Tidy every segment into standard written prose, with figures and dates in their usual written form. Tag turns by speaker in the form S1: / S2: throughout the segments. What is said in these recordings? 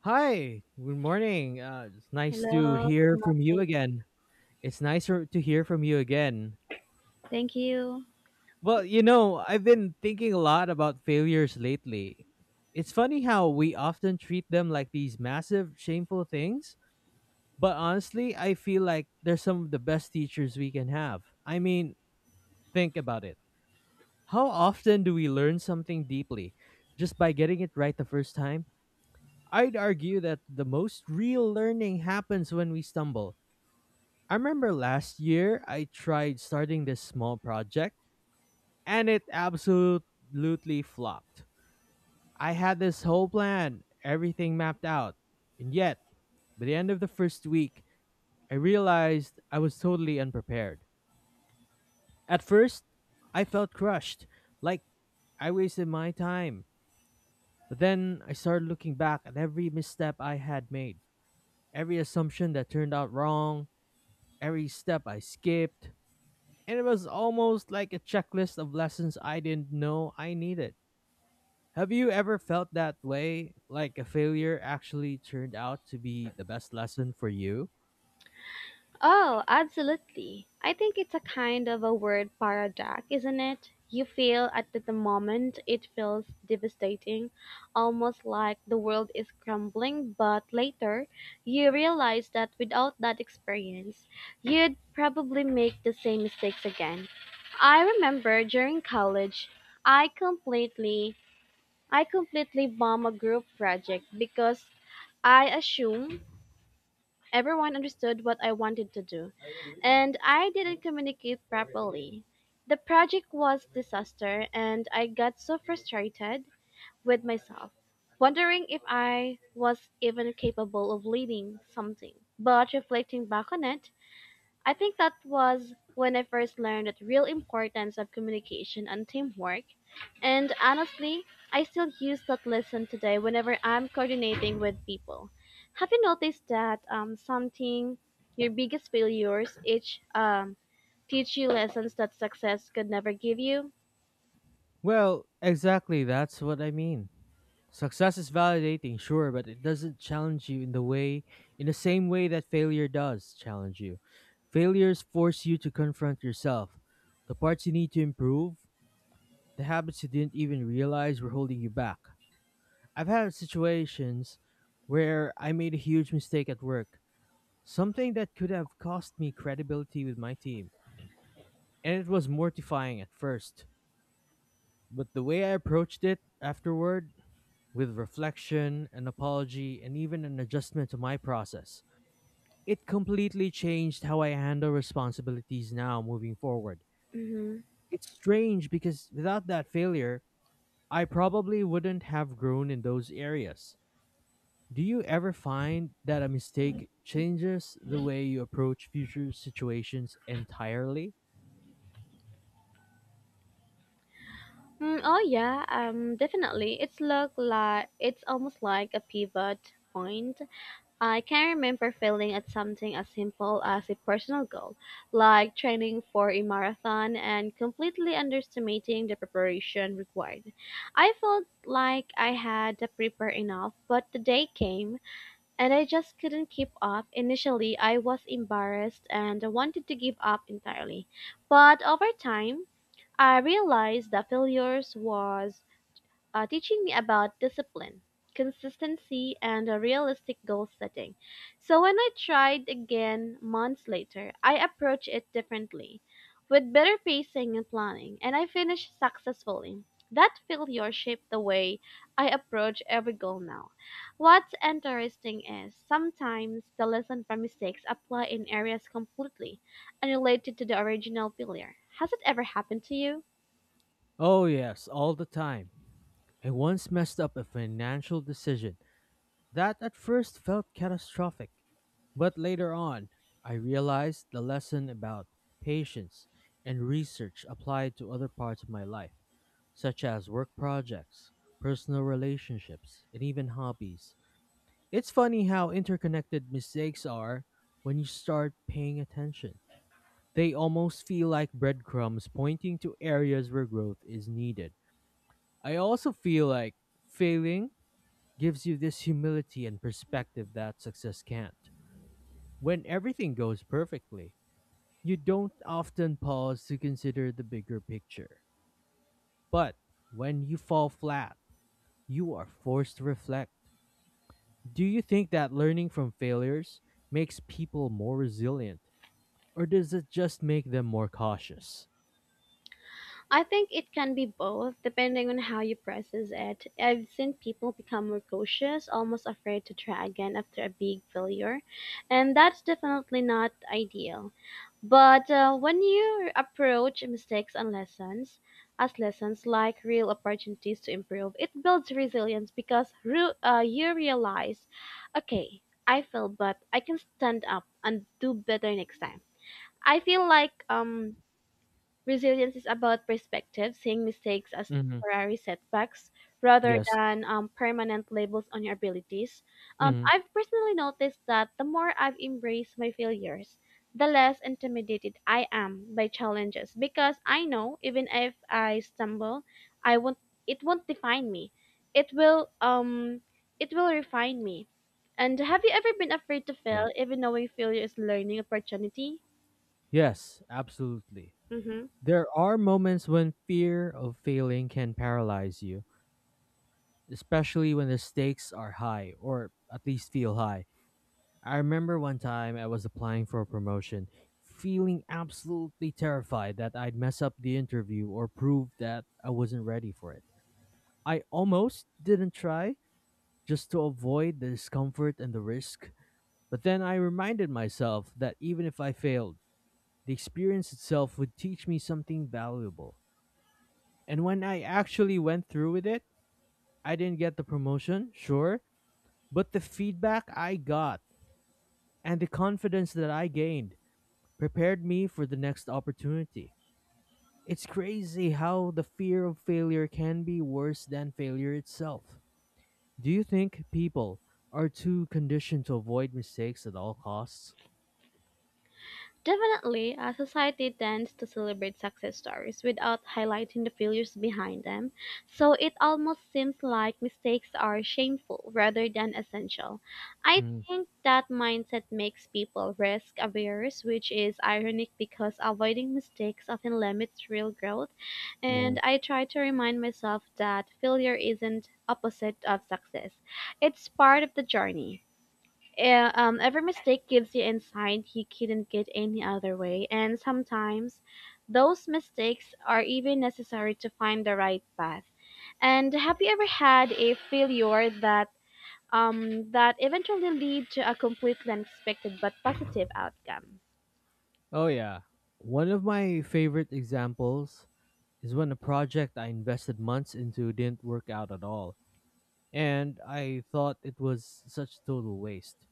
S1: Hi, good morning. It's nice to
S2: Hello,
S1: hear
S2: good
S1: from you
S2: morning.
S1: again. It's nicer to hear from you again.
S2: Thank you.
S1: Well, you know, I've been thinking a lot about failures lately. It's funny how we often treat them like these massive, shameful things, but honestly, I feel like they're some of the best teachers we can have. I mean, think about it. How often do we learn something deeply just by getting it right the first time? I'd argue that the most real learning happens when we stumble. I remember last year I tried starting this small project and it absolutely flopped. I had this whole plan, everything mapped out, and yet, by the end of the first week, I realized I was totally unprepared. At first, I felt crushed, like I wasted my time. But then I started looking back at every misstep I had made, every assumption that turned out wrong, every step I skipped, and it was almost like a checklist of lessons I didn't know I needed. Have you ever felt that way? Like a failure actually turned out to be the best lesson for you?
S2: Oh, absolutely. I think it's a kind of a word paradox, isn't it? You feel at the moment it feels devastating, almost like the world is crumbling, but later you realize that without that experience, you'd probably make the same mistakes again. I remember during college, I completely I completely bombed a group project because I assume everyone understood what I wanted to do, and I didn't communicate properly. The project was disaster and I got so frustrated with myself, wondering if I was even capable of leading something. But reflecting back on it, I think that was when I first learned the real importance of communication and teamwork. And honestly, I still use that lesson today whenever I'm coordinating with people. Have you noticed that something your biggest failures each teach you lessons that success could never give you?
S1: Well, exactly, that's what I mean. Success is validating, sure, but it doesn't challenge you in the same way that failure does challenge you. Failures force you to confront yourself, the parts you need to improve, the habits you didn't even realize were holding you back. I've had situations where I made a huge mistake at work, something that could have cost me credibility with my team. And it was mortifying at first. But the way I approached it afterward, with reflection, an apology, and even an adjustment to my process, it completely changed how I handle responsibilities now moving forward.
S2: Mm-hmm.
S1: It's strange because without that failure, I probably wouldn't have grown in those areas. Do you ever find that a mistake changes the way you approach future situations entirely?
S2: Oh yeah, definitely. It's look like it's almost like a pivot point. I can remember failing at something as simple as a personal goal, like training for a marathon and completely underestimating the preparation required. I felt like I had prepared enough, but the day came and I just couldn't keep up. Initially, I was embarrassed and wanted to give up entirely. But over time, I realized that failures was teaching me about discipline, consistency, and a realistic goal setting. So when I tried again months later, I approached it differently, with better pacing and planning, and I finished successfully. That failure shaped the way I approach every goal now. What's interesting is sometimes the lesson from mistakes apply in areas completely unrelated to the original failure. Has it ever happened to you?
S1: Oh, yes, all the time. I once messed up a financial decision that at first felt catastrophic, but later on, I realized the lesson about patience and research applied to other parts of my life, such as work projects, personal relationships, and even hobbies. It's funny how interconnected mistakes are when you start paying attention. They almost feel like breadcrumbs pointing to areas where growth is needed. I also feel like failing gives you this humility and perspective that success can't. When everything goes perfectly, you don't often pause to consider the bigger picture. But when you fall flat, you are forced to reflect. Do you think that learning from failures makes people more resilient, or does it just make them more cautious?
S2: I think it can be both, depending on how you process it. I've seen people become more cautious, almost afraid to try again after a big failure, and that's definitely not ideal. But when you approach mistakes and lessons as lessons, like real opportunities to improve, it builds resilience because you realize, okay, I failed, but I can stand up and do better next time. I feel like resilience is about perspective, seeing mistakes as
S1: Hmm.
S2: temporary setbacks rather
S1: Yes.
S2: than permanent labels on your abilities.
S1: Hmm.
S2: I've personally noticed that the more I've embraced my failures, the less intimidated I am by challenges because I know even if I stumble, I won't. It won't define me. It will. It will refine me. And have you ever been afraid to fail, even knowing failure is learning opportunity?
S1: Yes, absolutely.
S2: Mm-hmm.
S1: There are moments when fear of failing can paralyze you, especially when the stakes are high, or at least feel high. I remember one time I was applying for a promotion, feeling absolutely terrified that I'd mess up the interview or prove that I wasn't ready for it. I almost didn't try, just to avoid the discomfort and the risk. But then I reminded myself that even if I failed, the experience itself would teach me something valuable. And when I actually went through with it, I didn't get the promotion, sure, but the feedback I got and the confidence that I gained prepared me for the next opportunity. It's crazy how the fear of failure can be worse than failure itself. Do you think people are too conditioned to avoid mistakes at all costs?
S2: Definitely, a society tends to celebrate success stories without highlighting the failures behind them, so it almost seems like mistakes are shameful rather than essential. I
S1: Mm,
S2: think that mindset makes people risk averse, which is ironic because avoiding mistakes often limits real growth,
S1: mm.
S2: and I try to remind myself that failure isn't opposite of success. It's part of the journey. Every mistake gives you insight you couldn't get any other way, and sometimes those mistakes are even necessary to find the right path. And have you ever had a failure that that eventually lead to a completely unexpected but positive outcome?
S1: Oh yeah. One of my favorite examples is when a project I invested months into didn't work out at all, and I thought it was such total waste.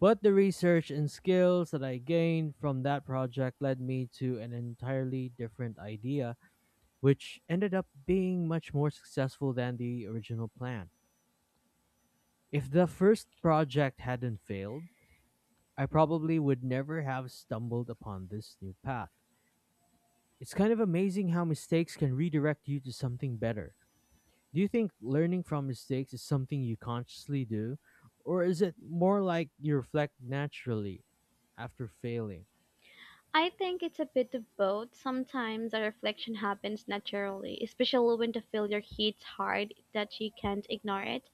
S1: But the research and skills that I gained from that project led me to an entirely different idea, which ended up being much more successful than the original plan. If the first project hadn't failed, I probably would never have stumbled upon this new path. It's kind of amazing how mistakes can redirect you to something better. Do you think learning from mistakes is something you consciously do, or is it more like you reflect naturally after failing?
S2: I think it's a bit of both. Sometimes the reflection happens naturally, especially when the failure hits hard that you can't ignore it.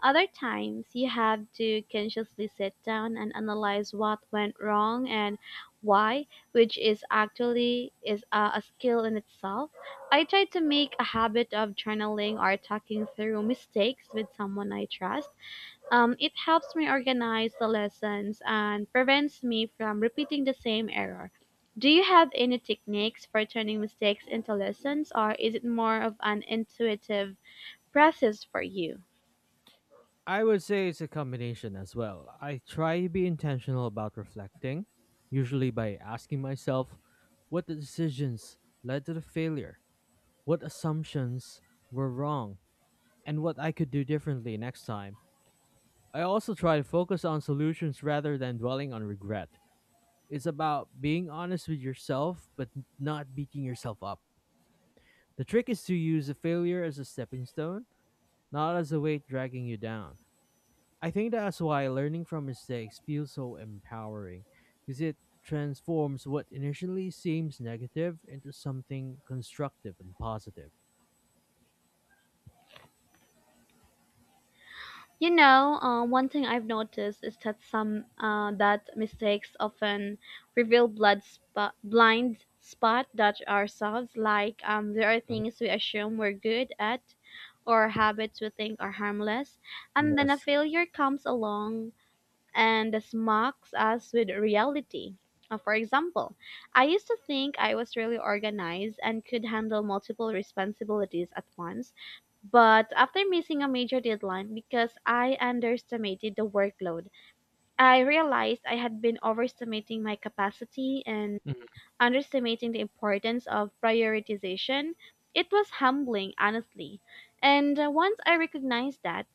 S2: Other times, you have to consciously sit down and analyze what went wrong and why, which is actually is a skill in itself. I try to make a habit of journaling or talking through mistakes with someone I trust. It helps me organize the lessons and prevents me from repeating the same error. Do you have any techniques for turning mistakes into lessons, or is it more of an intuitive process for you?
S1: I would say it's a combination as well. I try to be intentional about reflecting, usually by asking myself what the decisions led to the failure, what assumptions were wrong, and what I could do differently next time. I also try to focus on solutions rather than dwelling on regret. It's about being honest with yourself, but not beating yourself up. The trick is to use a failure as a stepping stone, not as a weight dragging you down. I think that's why learning from mistakes feels so empowering, because it transforms what initially seems negative into something constructive and positive.
S2: You know, one thing I've noticed is that some that mistakes often reveal blind spot that ourselves. Like there are
S1: Mhm.
S2: things we assume we're good at, or habits we think are harmless, and then a
S1: Yes.
S2: failure comes along and smacks us with reality. For example, I used to think I was really organized and could handle multiple responsibilities at once, but after missing a major deadline because I underestimated the workload, I realized I had been overestimating my capacity and
S1: Mhm,
S2: underestimating the importance of prioritization. It was humbling, honestly. And once I recognized that,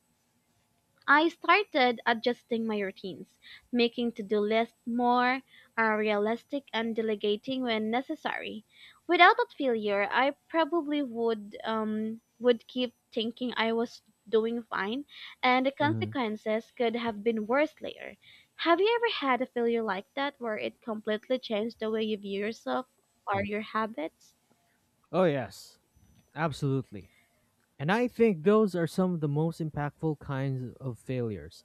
S2: I started adjusting my routines, making to do lists more realistic and delegating when necessary. Without that failure, I probably would keep thinking I was doing fine, and the
S1: mhm,
S2: consequences could have been worse later. Have you ever had a failure like that where it completely changed the way you view yourself or
S1: mhm.
S2: your habits?
S1: Oh, yes. Absolutely. And I think those are some of the most impactful kinds of failures.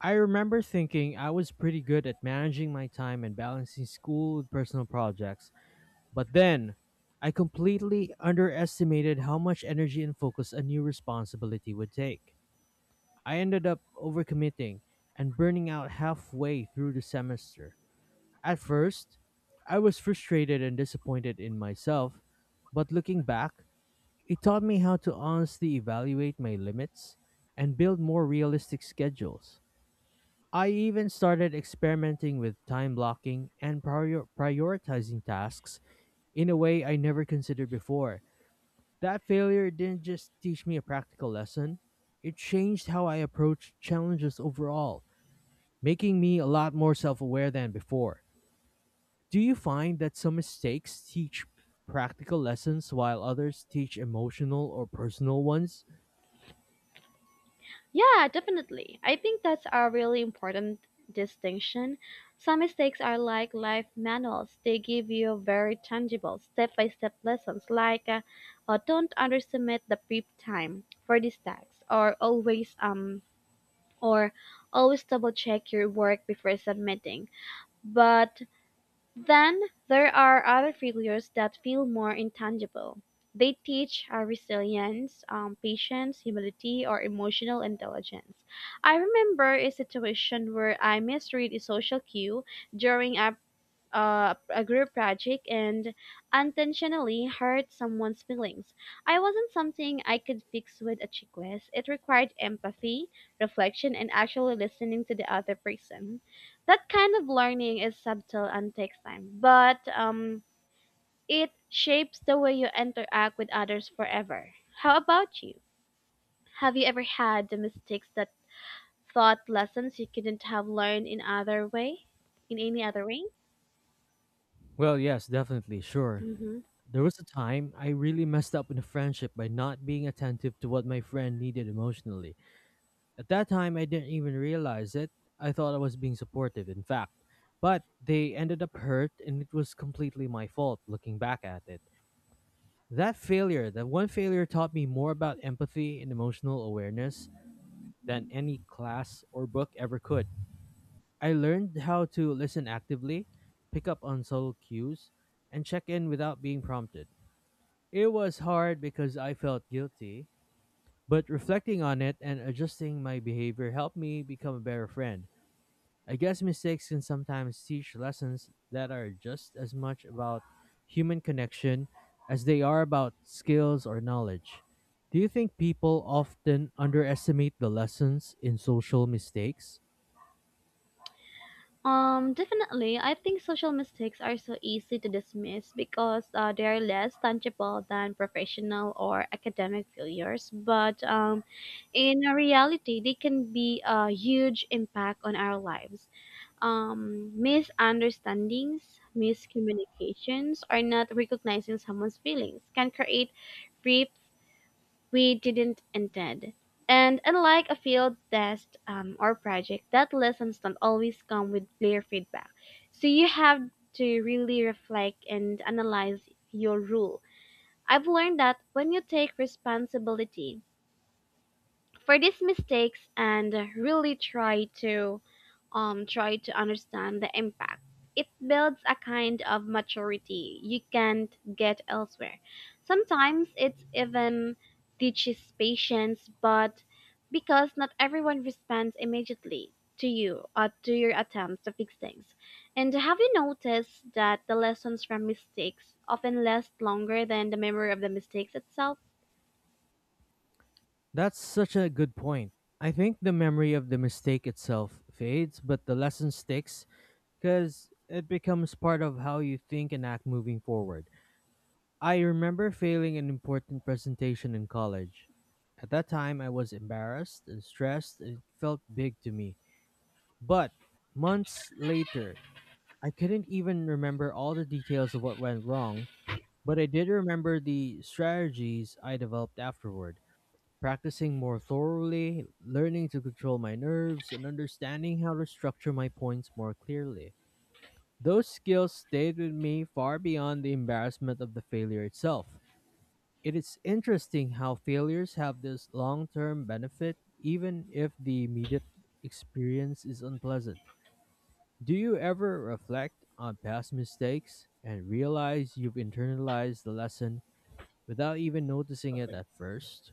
S1: I remember thinking I was pretty good at managing my time and balancing school with personal projects, but then I completely underestimated how much energy and focus a new responsibility would take. I ended up overcommitting and burning out halfway through the semester. At first, I was frustrated and disappointed in myself, but looking back, it taught me how to honestly evaluate my limits and build more realistic schedules. I even started experimenting with time blocking and prioritizing tasks in a way I never considered before. That failure didn't just teach me a practical lesson, it changed how I approached challenges overall, making me a lot more self aware than before. Do you find that some mistakes teach practical lessons while others teach emotional or personal ones?
S2: Yeah, definitely. I think that's a really important distinction. Some mistakes are like life manuals, they give you very tangible step by step lessons, like don't underestimate the prep time for these tasks, or or always double check your work before submitting. But then there are other figures that feel more intangible. They teach resilience, patience, humility, or emotional intelligence. I remember a situation where I misread a social cue during a group project and unintentionally hurt someone's feelings. I wasn't something I could fix with a check list. It required empathy, reflection, and actually listening to the other person. That kind of learning is subtle and takes time, but it shapes the way you interact with others forever. How about you? Have you ever had the mistakes that taught lessons you couldn't have learned in other way? In any other way?
S1: Well, yes, definitely, sure.
S2: Mm-hmm.
S1: There was a time I really messed up in a friendship by not being attentive to what my friend needed emotionally. At that time, I didn't even realize it. I thought I was being supportive, in fact. But they ended up hurt, and it was completely my fault looking back at it. That failure, that one failure, taught me more about empathy and emotional awareness than any class or book ever could. I learned how to listen actively, pick up on subtle cues, and check in without being prompted. It was hard because I felt guilty, but reflecting on it and adjusting my behavior helped me become a better friend. I guess mistakes can sometimes teach lessons that are just as much about human connection as they are about skills or knowledge. Do you think people often underestimate the lessons in social mistakes?
S2: Definitely. I think social mistakes are so easy to dismiss because they are less tangible than professional or academic failures. But in reality, they can be a huge impact on our lives. Misunderstandings, miscommunications, or not recognizing someone's feelings can create we didn't intend. And unlike a field test or project, that lessons don't always come with clear feedback. So you have to really reflect and analyze your rule. I've learned that when you take responsibility for these mistakes and really try to understand the impact. It builds a kind of maturity you can't get elsewhere. Sometimes it even teaches patience, but because not everyone responds immediately to you or to your attempts to fix things. And have you noticed that the lessons from mistakes often last longer than the memory of the mistakes itself?
S1: That's such a good point. I think the memory of the mistake itself fades, but the lesson sticks because it becomes part of how you think and act moving forward. I remember failing an important presentation in college. At that time, I was embarrassed and stressed, and it felt big to me. But months later, I couldn't even remember all the details of what went wrong, but I did remember the strategies I developed afterward. Practicing more thoroughly, learning to control my nerves, and understanding how to structure my points more clearly. Those skills stayed with me far beyond the embarrassment of the failure itself. It is interesting how failures have this long term benefit, even if the immediate experience is unpleasant. Do you ever reflect on past mistakes and realize you've internalized the lesson without even noticing it at first?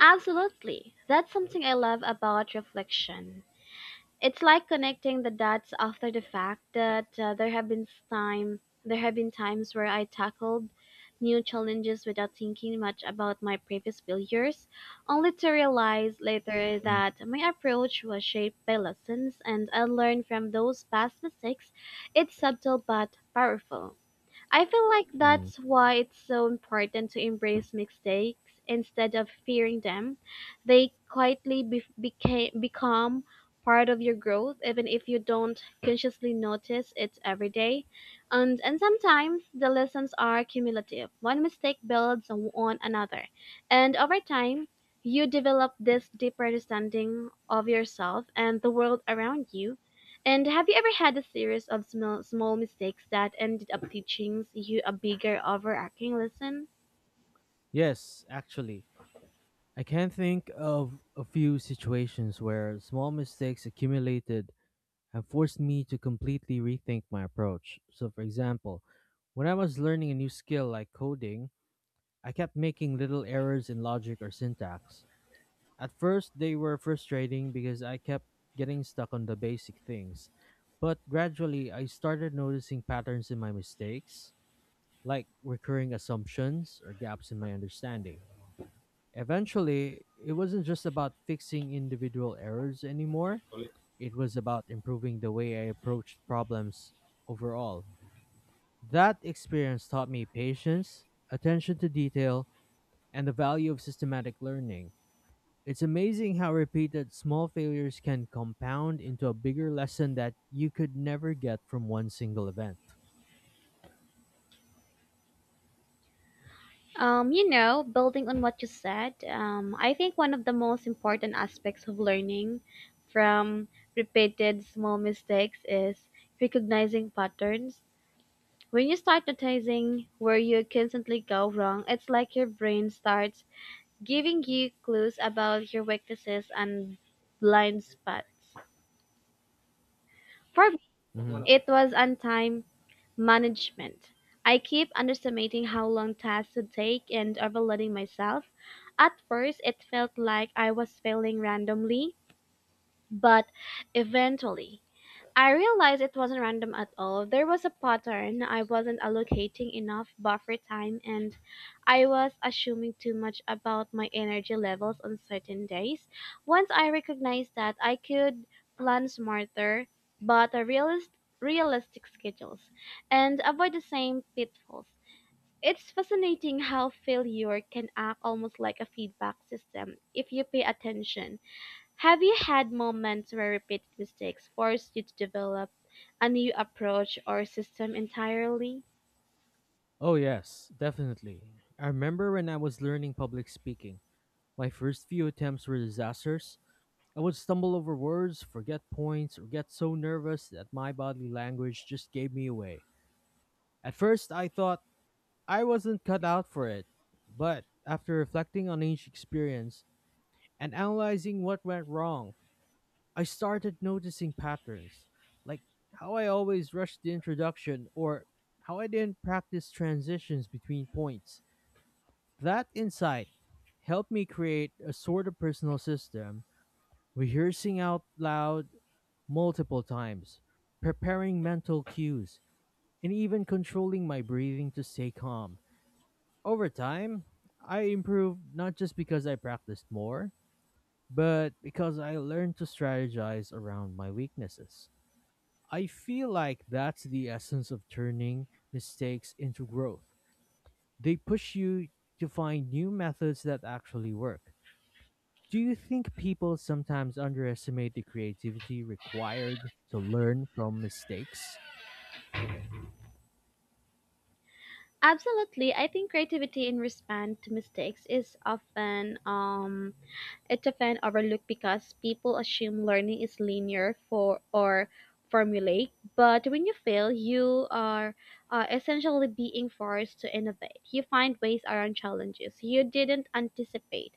S2: Absolutely. That's something I love about reflection. It's like connecting the dots after the fact that there have been times where I tackled new challenges without thinking much about my previous failures, only to realize later that my approach was shaped by lessons and I learned from those past mistakes. It's subtle but powerful. I feel like
S1: Mm.
S2: that's why it's so important to embrace mistakes instead of fearing them. They quietly become part of your growth, even if you don't consciously notice it every day. And sometimes the lessons are cumulative. One mistake builds on another. And over time, you develop this deeper understanding of yourself and the world around you. And have you ever had a series of small mistakes that ended up teaching you a bigger overarching lesson?
S1: Yes, actually. I can think of a few situations where small mistakes accumulated have forced me to completely rethink my approach. So, for example, when I was learning a new skill like coding, I kept making little errors in logic or syntax. At first, they were frustrating because I kept getting stuck on the basic things. But gradually, I started noticing patterns in my mistakes, like recurring assumptions or gaps in my understanding. Eventually, it wasn't just about fixing individual errors anymore. It was about improving the way I approached problems overall. That experience taught me patience, attention to detail, and the value of systematic learning. It's amazing how repeated small failures can compound into a bigger lesson that you could never get from one single event.
S2: You know, building on what you said, I think one of the most important aspects of learning from repeated small mistakes is recognizing patterns. When you start noticing where you constantly go wrong, it's like your brain starts giving you clues about your weaknesses and blind spots. For me,
S1: Hmm.
S2: it was on time management. I keep underestimating how long tasks would take and overloading myself. At first, it felt like I was failing randomly, but eventually, I realized it wasn't random at all. There was a pattern. I wasn't allocating enough buffer time and I was assuming too much about my energy levels on certain days. Once I recognized that, I could plan smarter but realistic schedules and avoid the same pitfalls. It's fascinating how failure can act almost like a feedback system if you pay attention. Have you had moments where repeated mistakes forced you to develop a new approach or system entirely?
S1: Oh, yes, definitely. I remember when I was learning public speaking. My first few attempts were disasters, I would stumble over words, forget points, or get so nervous that my body language just gave me away. At first, I thought I wasn't cut out for it, but after reflecting on each experience and analyzing what went wrong, I started noticing patterns, like how I always rushed the introduction or how I didn't practice transitions between points. That insight helped me create a sort of personal system, rehearsing out loud multiple times, preparing mental cues, and even controlling my breathing to stay calm. Over time, I improved not just because I practiced more, but because I learned to strategize around my weaknesses. I feel like that's the essence of turning mistakes into growth. They push you to find new methods that actually work. Do you think people sometimes underestimate the creativity required to learn from mistakes?
S2: Absolutely. I think creativity in response to mistakes is often It's often overlooked because people assume learning is linear formulaic, but when you fail, you are essentially being forced to innovate. You find ways around challenges you didn't anticipate.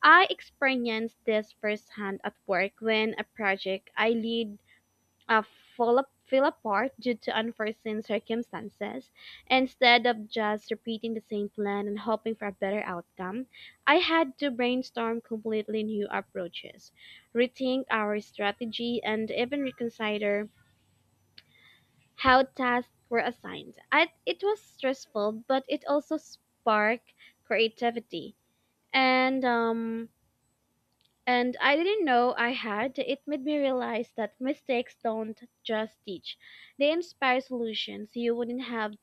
S2: I experienced this firsthand at work when a project I lead uh, fell apart due to unforeseen circumstances, instead of just repeating the same plan and hoping for a better outcome, I had to brainstorm completely new approaches, rethink our strategy, and even reconsider how tasks were assigned. It was stressful, but it also sparked creativity. And um, and I didn't know I had. It made me realize that mistakes don't just teach, they inspire solutions you wouldn't have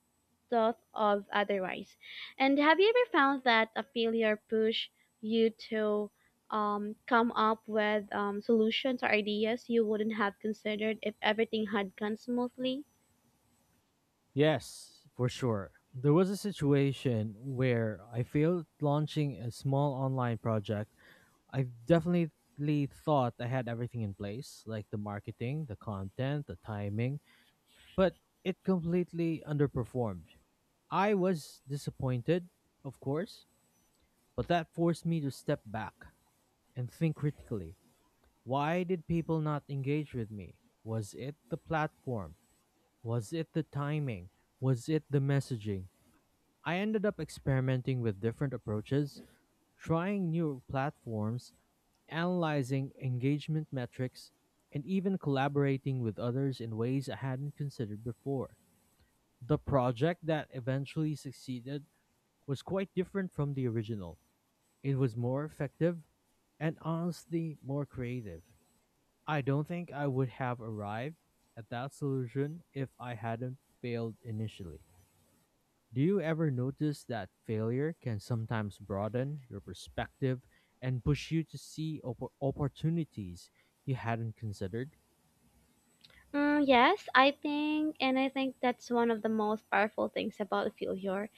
S2: thought of otherwise. And have you ever found that a failure pushed you to come up with solutions or ideas you wouldn't have considered if everything had gone smoothly?
S1: Yes, for sure. There was a situation where I failed launching a small online project. I've definitely thought I had everything in place, like the marketing, the content, the timing, but it completely underperformed. I was disappointed, of course, but that forced me to step back and think critically. Why did people not engage with me? Was it the platform? Was it the timing? Was it the messaging? I ended up experimenting with different approaches, trying new platforms, analyzing engagement metrics, and even collaborating with others in ways I hadn't considered before. The project that eventually succeeded was quite different from the original. It was more effective and honestly more creative. I don't think I would have arrived at that solution if I hadn't failed initially. Do you ever notice that failure can sometimes broaden your perspective and push you to see opportunities you hadn't considered?
S2: Mm, yes, I think, and I think that's one of the most powerful things about failure.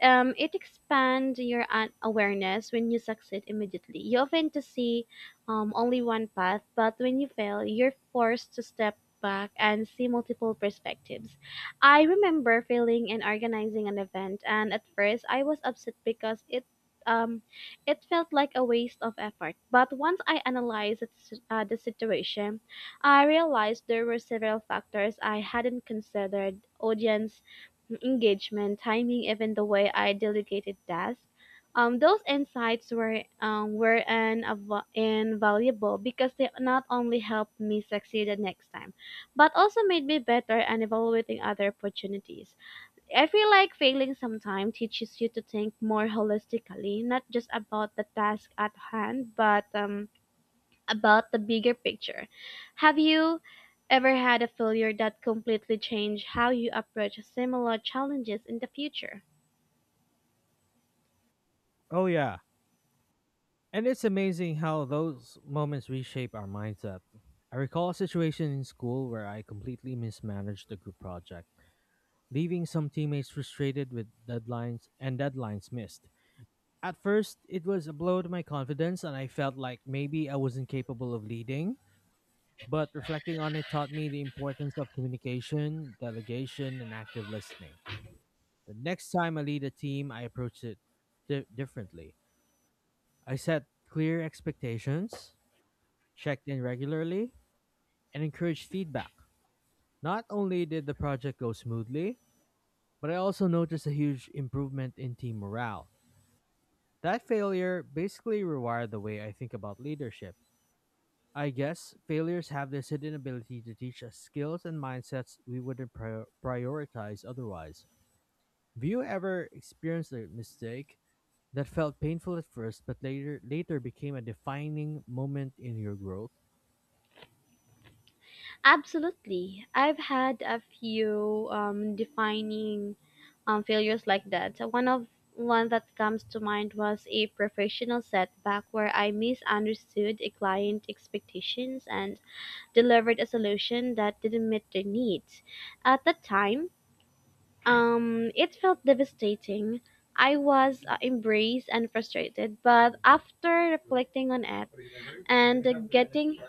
S2: It expands your awareness. When you succeed immediately, you often to see only one path, but when you fail, you're forced to step back and see multiple perspectives. I remember failing in organizing an event, and at first I was upset because um, it felt like a waste of effort. But once I analyzed the situation, I realized there were several factors I hadn't considered: audience engagement, timing, even the way I delegated tasks. Those insights were invaluable because they not only helped me succeed the next time, but also made me better and evaluating other opportunities. I feel like failing sometimes teaches you to think more holistically, not just about the task at hand, but about the bigger picture. Have you ever had a failure that completely changed how you approach similar challenges in the future?
S1: Oh, yeah. And it's amazing how those moments reshape our mindset. I recall a situation in school where I completely mismanaged a group project, leaving some teammates frustrated with deadlines and deadlines missed. At first, it was a blow to my confidence, and I felt like maybe I wasn't capable of leading. But reflecting on it taught me the importance of communication, delegation, and active listening. The next time I lead a team, I approach it differently. I set clear expectations, checked in regularly, and encouraged feedback. Not only did the project go smoothly, but I also noticed a huge improvement in team morale. That failure basically rewired the way I think about leadership. I guess failures have this hidden ability to teach us skills and mindsets we wouldn't prioritize otherwise. Have you ever experienced a mistake that felt painful at first but later became a defining moment in your growth?
S2: Absolutely. I've had a few defining failures like that. So one that comes to mind was a professional setback where I misunderstood a client expectations and delivered a solution that didn't meet their needs. At the time, it felt devastating. I was embraced and frustrated, but after reflecting on it and getting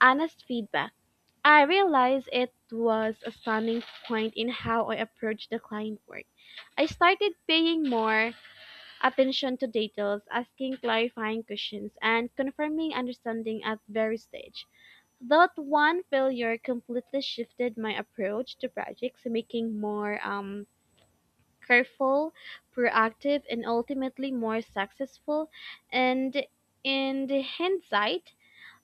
S2: honest feedback, I realized it was a stunning point in how I approached the client work. I started paying more attention to details, asking clarifying questions, and confirming understanding at every stage. That one failure completely shifted my approach to projects, making more careful, proactive, and ultimately more successful. And in the hindsight,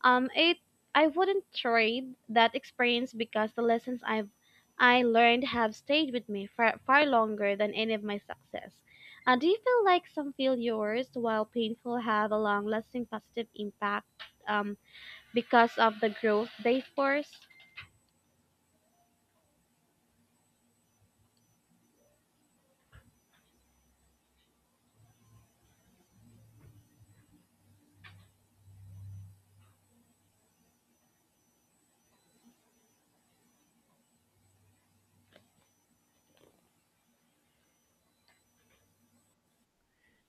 S2: it I wouldn't trade that experience because the lessons I learned have stayed with me far, far longer than any of my success. Do you feel like some failures, while painful, have a long-lasting positive impact um, because of the growth they force?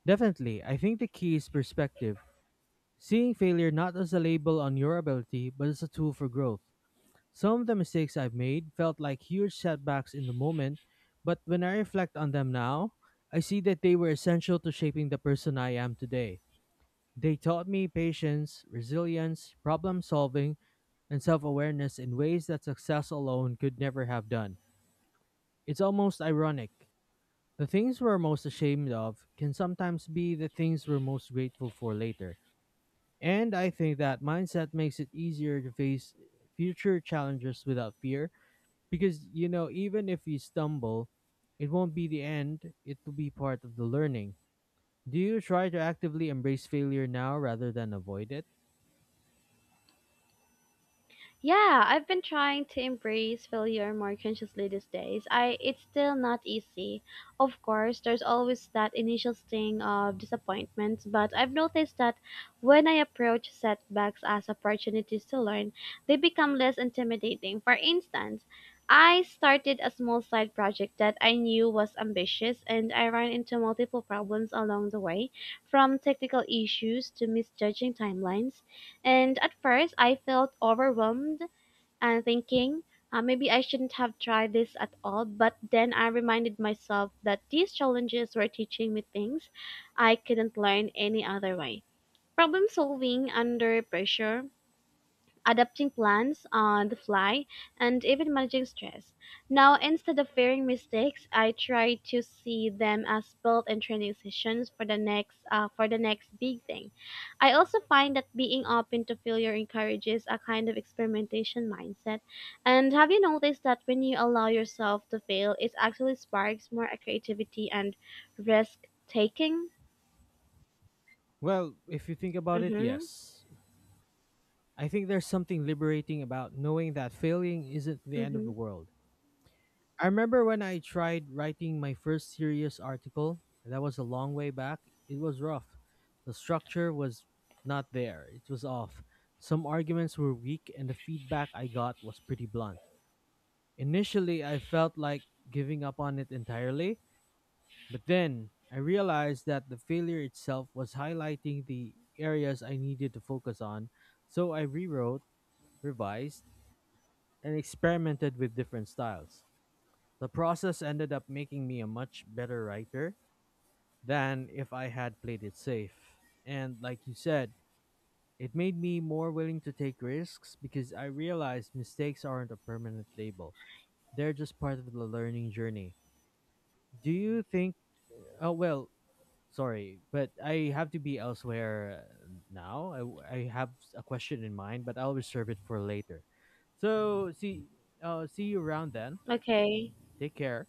S1: Definitely. I think the key is perspective. Seeing failure not as a label on your ability but as a tool for growth. Some of the mistakes I've made felt like huge setbacks in the moment, but when I reflect on them now, I see that they were essential to shaping the person I am today. They taught me patience, resilience, problem solving, and self awareness in ways that success alone could never have done. It's almost ironic. The things we're most ashamed of can sometimes be the things we're most grateful for later. And I think that mindset makes it easier to face future challenges without fear, because you know even if you stumble, it won't be the end. It will be part of the learning. Do you try to actively embrace failure now rather than avoid it?
S2: Yeah, I've been trying to embrace failure more consciously these days. I It's still not easy. Of course, there's always that initial sting of disappointment, but I've noticed that when I approach setbacks as opportunities to learn, they become less intimidating. For instance, I started a small side project that I knew was ambitious and I ran into multiple problems along the way, from technical issues to misjudging timelines. And at first, I felt overwhelmed and thinking, maybe I shouldn't have tried this at all. But then I reminded myself that these challenges were teaching me things I couldn't learn any other way. Problem solving under pressure, adapting plans on the fly, and even managing stress. Now, instead of fearing mistakes, I try to see them as built-in training sessions for the next big thing. I also find that being open to failure encourages a kind of experimentation mindset. And have you noticed that when you allow yourself to fail, it actually sparks more creativity and risk taking?
S1: Well, if you think about it,
S2: Mhm.
S1: yes. I think there's something liberating about knowing that failing isn't the end of the
S2: Mhm.
S1: world. I remember when I tried writing my first serious article, and that was a long way back. It was rough. The structure was not there, it was off. Some arguments were weak and the feedback I got was pretty blunt. Initially, I felt like giving up on it entirely, but then I realized that the failure itself was highlighting the areas I needed to focus on, so I rewrote, revised, and experimented with different styles. The process ended up making me a much better writer than if I had played it safe. And like you said, it made me more willing to take risks because I realized mistakes aren't a permanent label. They're just part of the learning journey. Do you think— oh well, sorry, but I have to be elsewhere now. I have a question in mind, but I'll reserve it for later. So see, see you around then.
S2: Okay.
S1: Take care.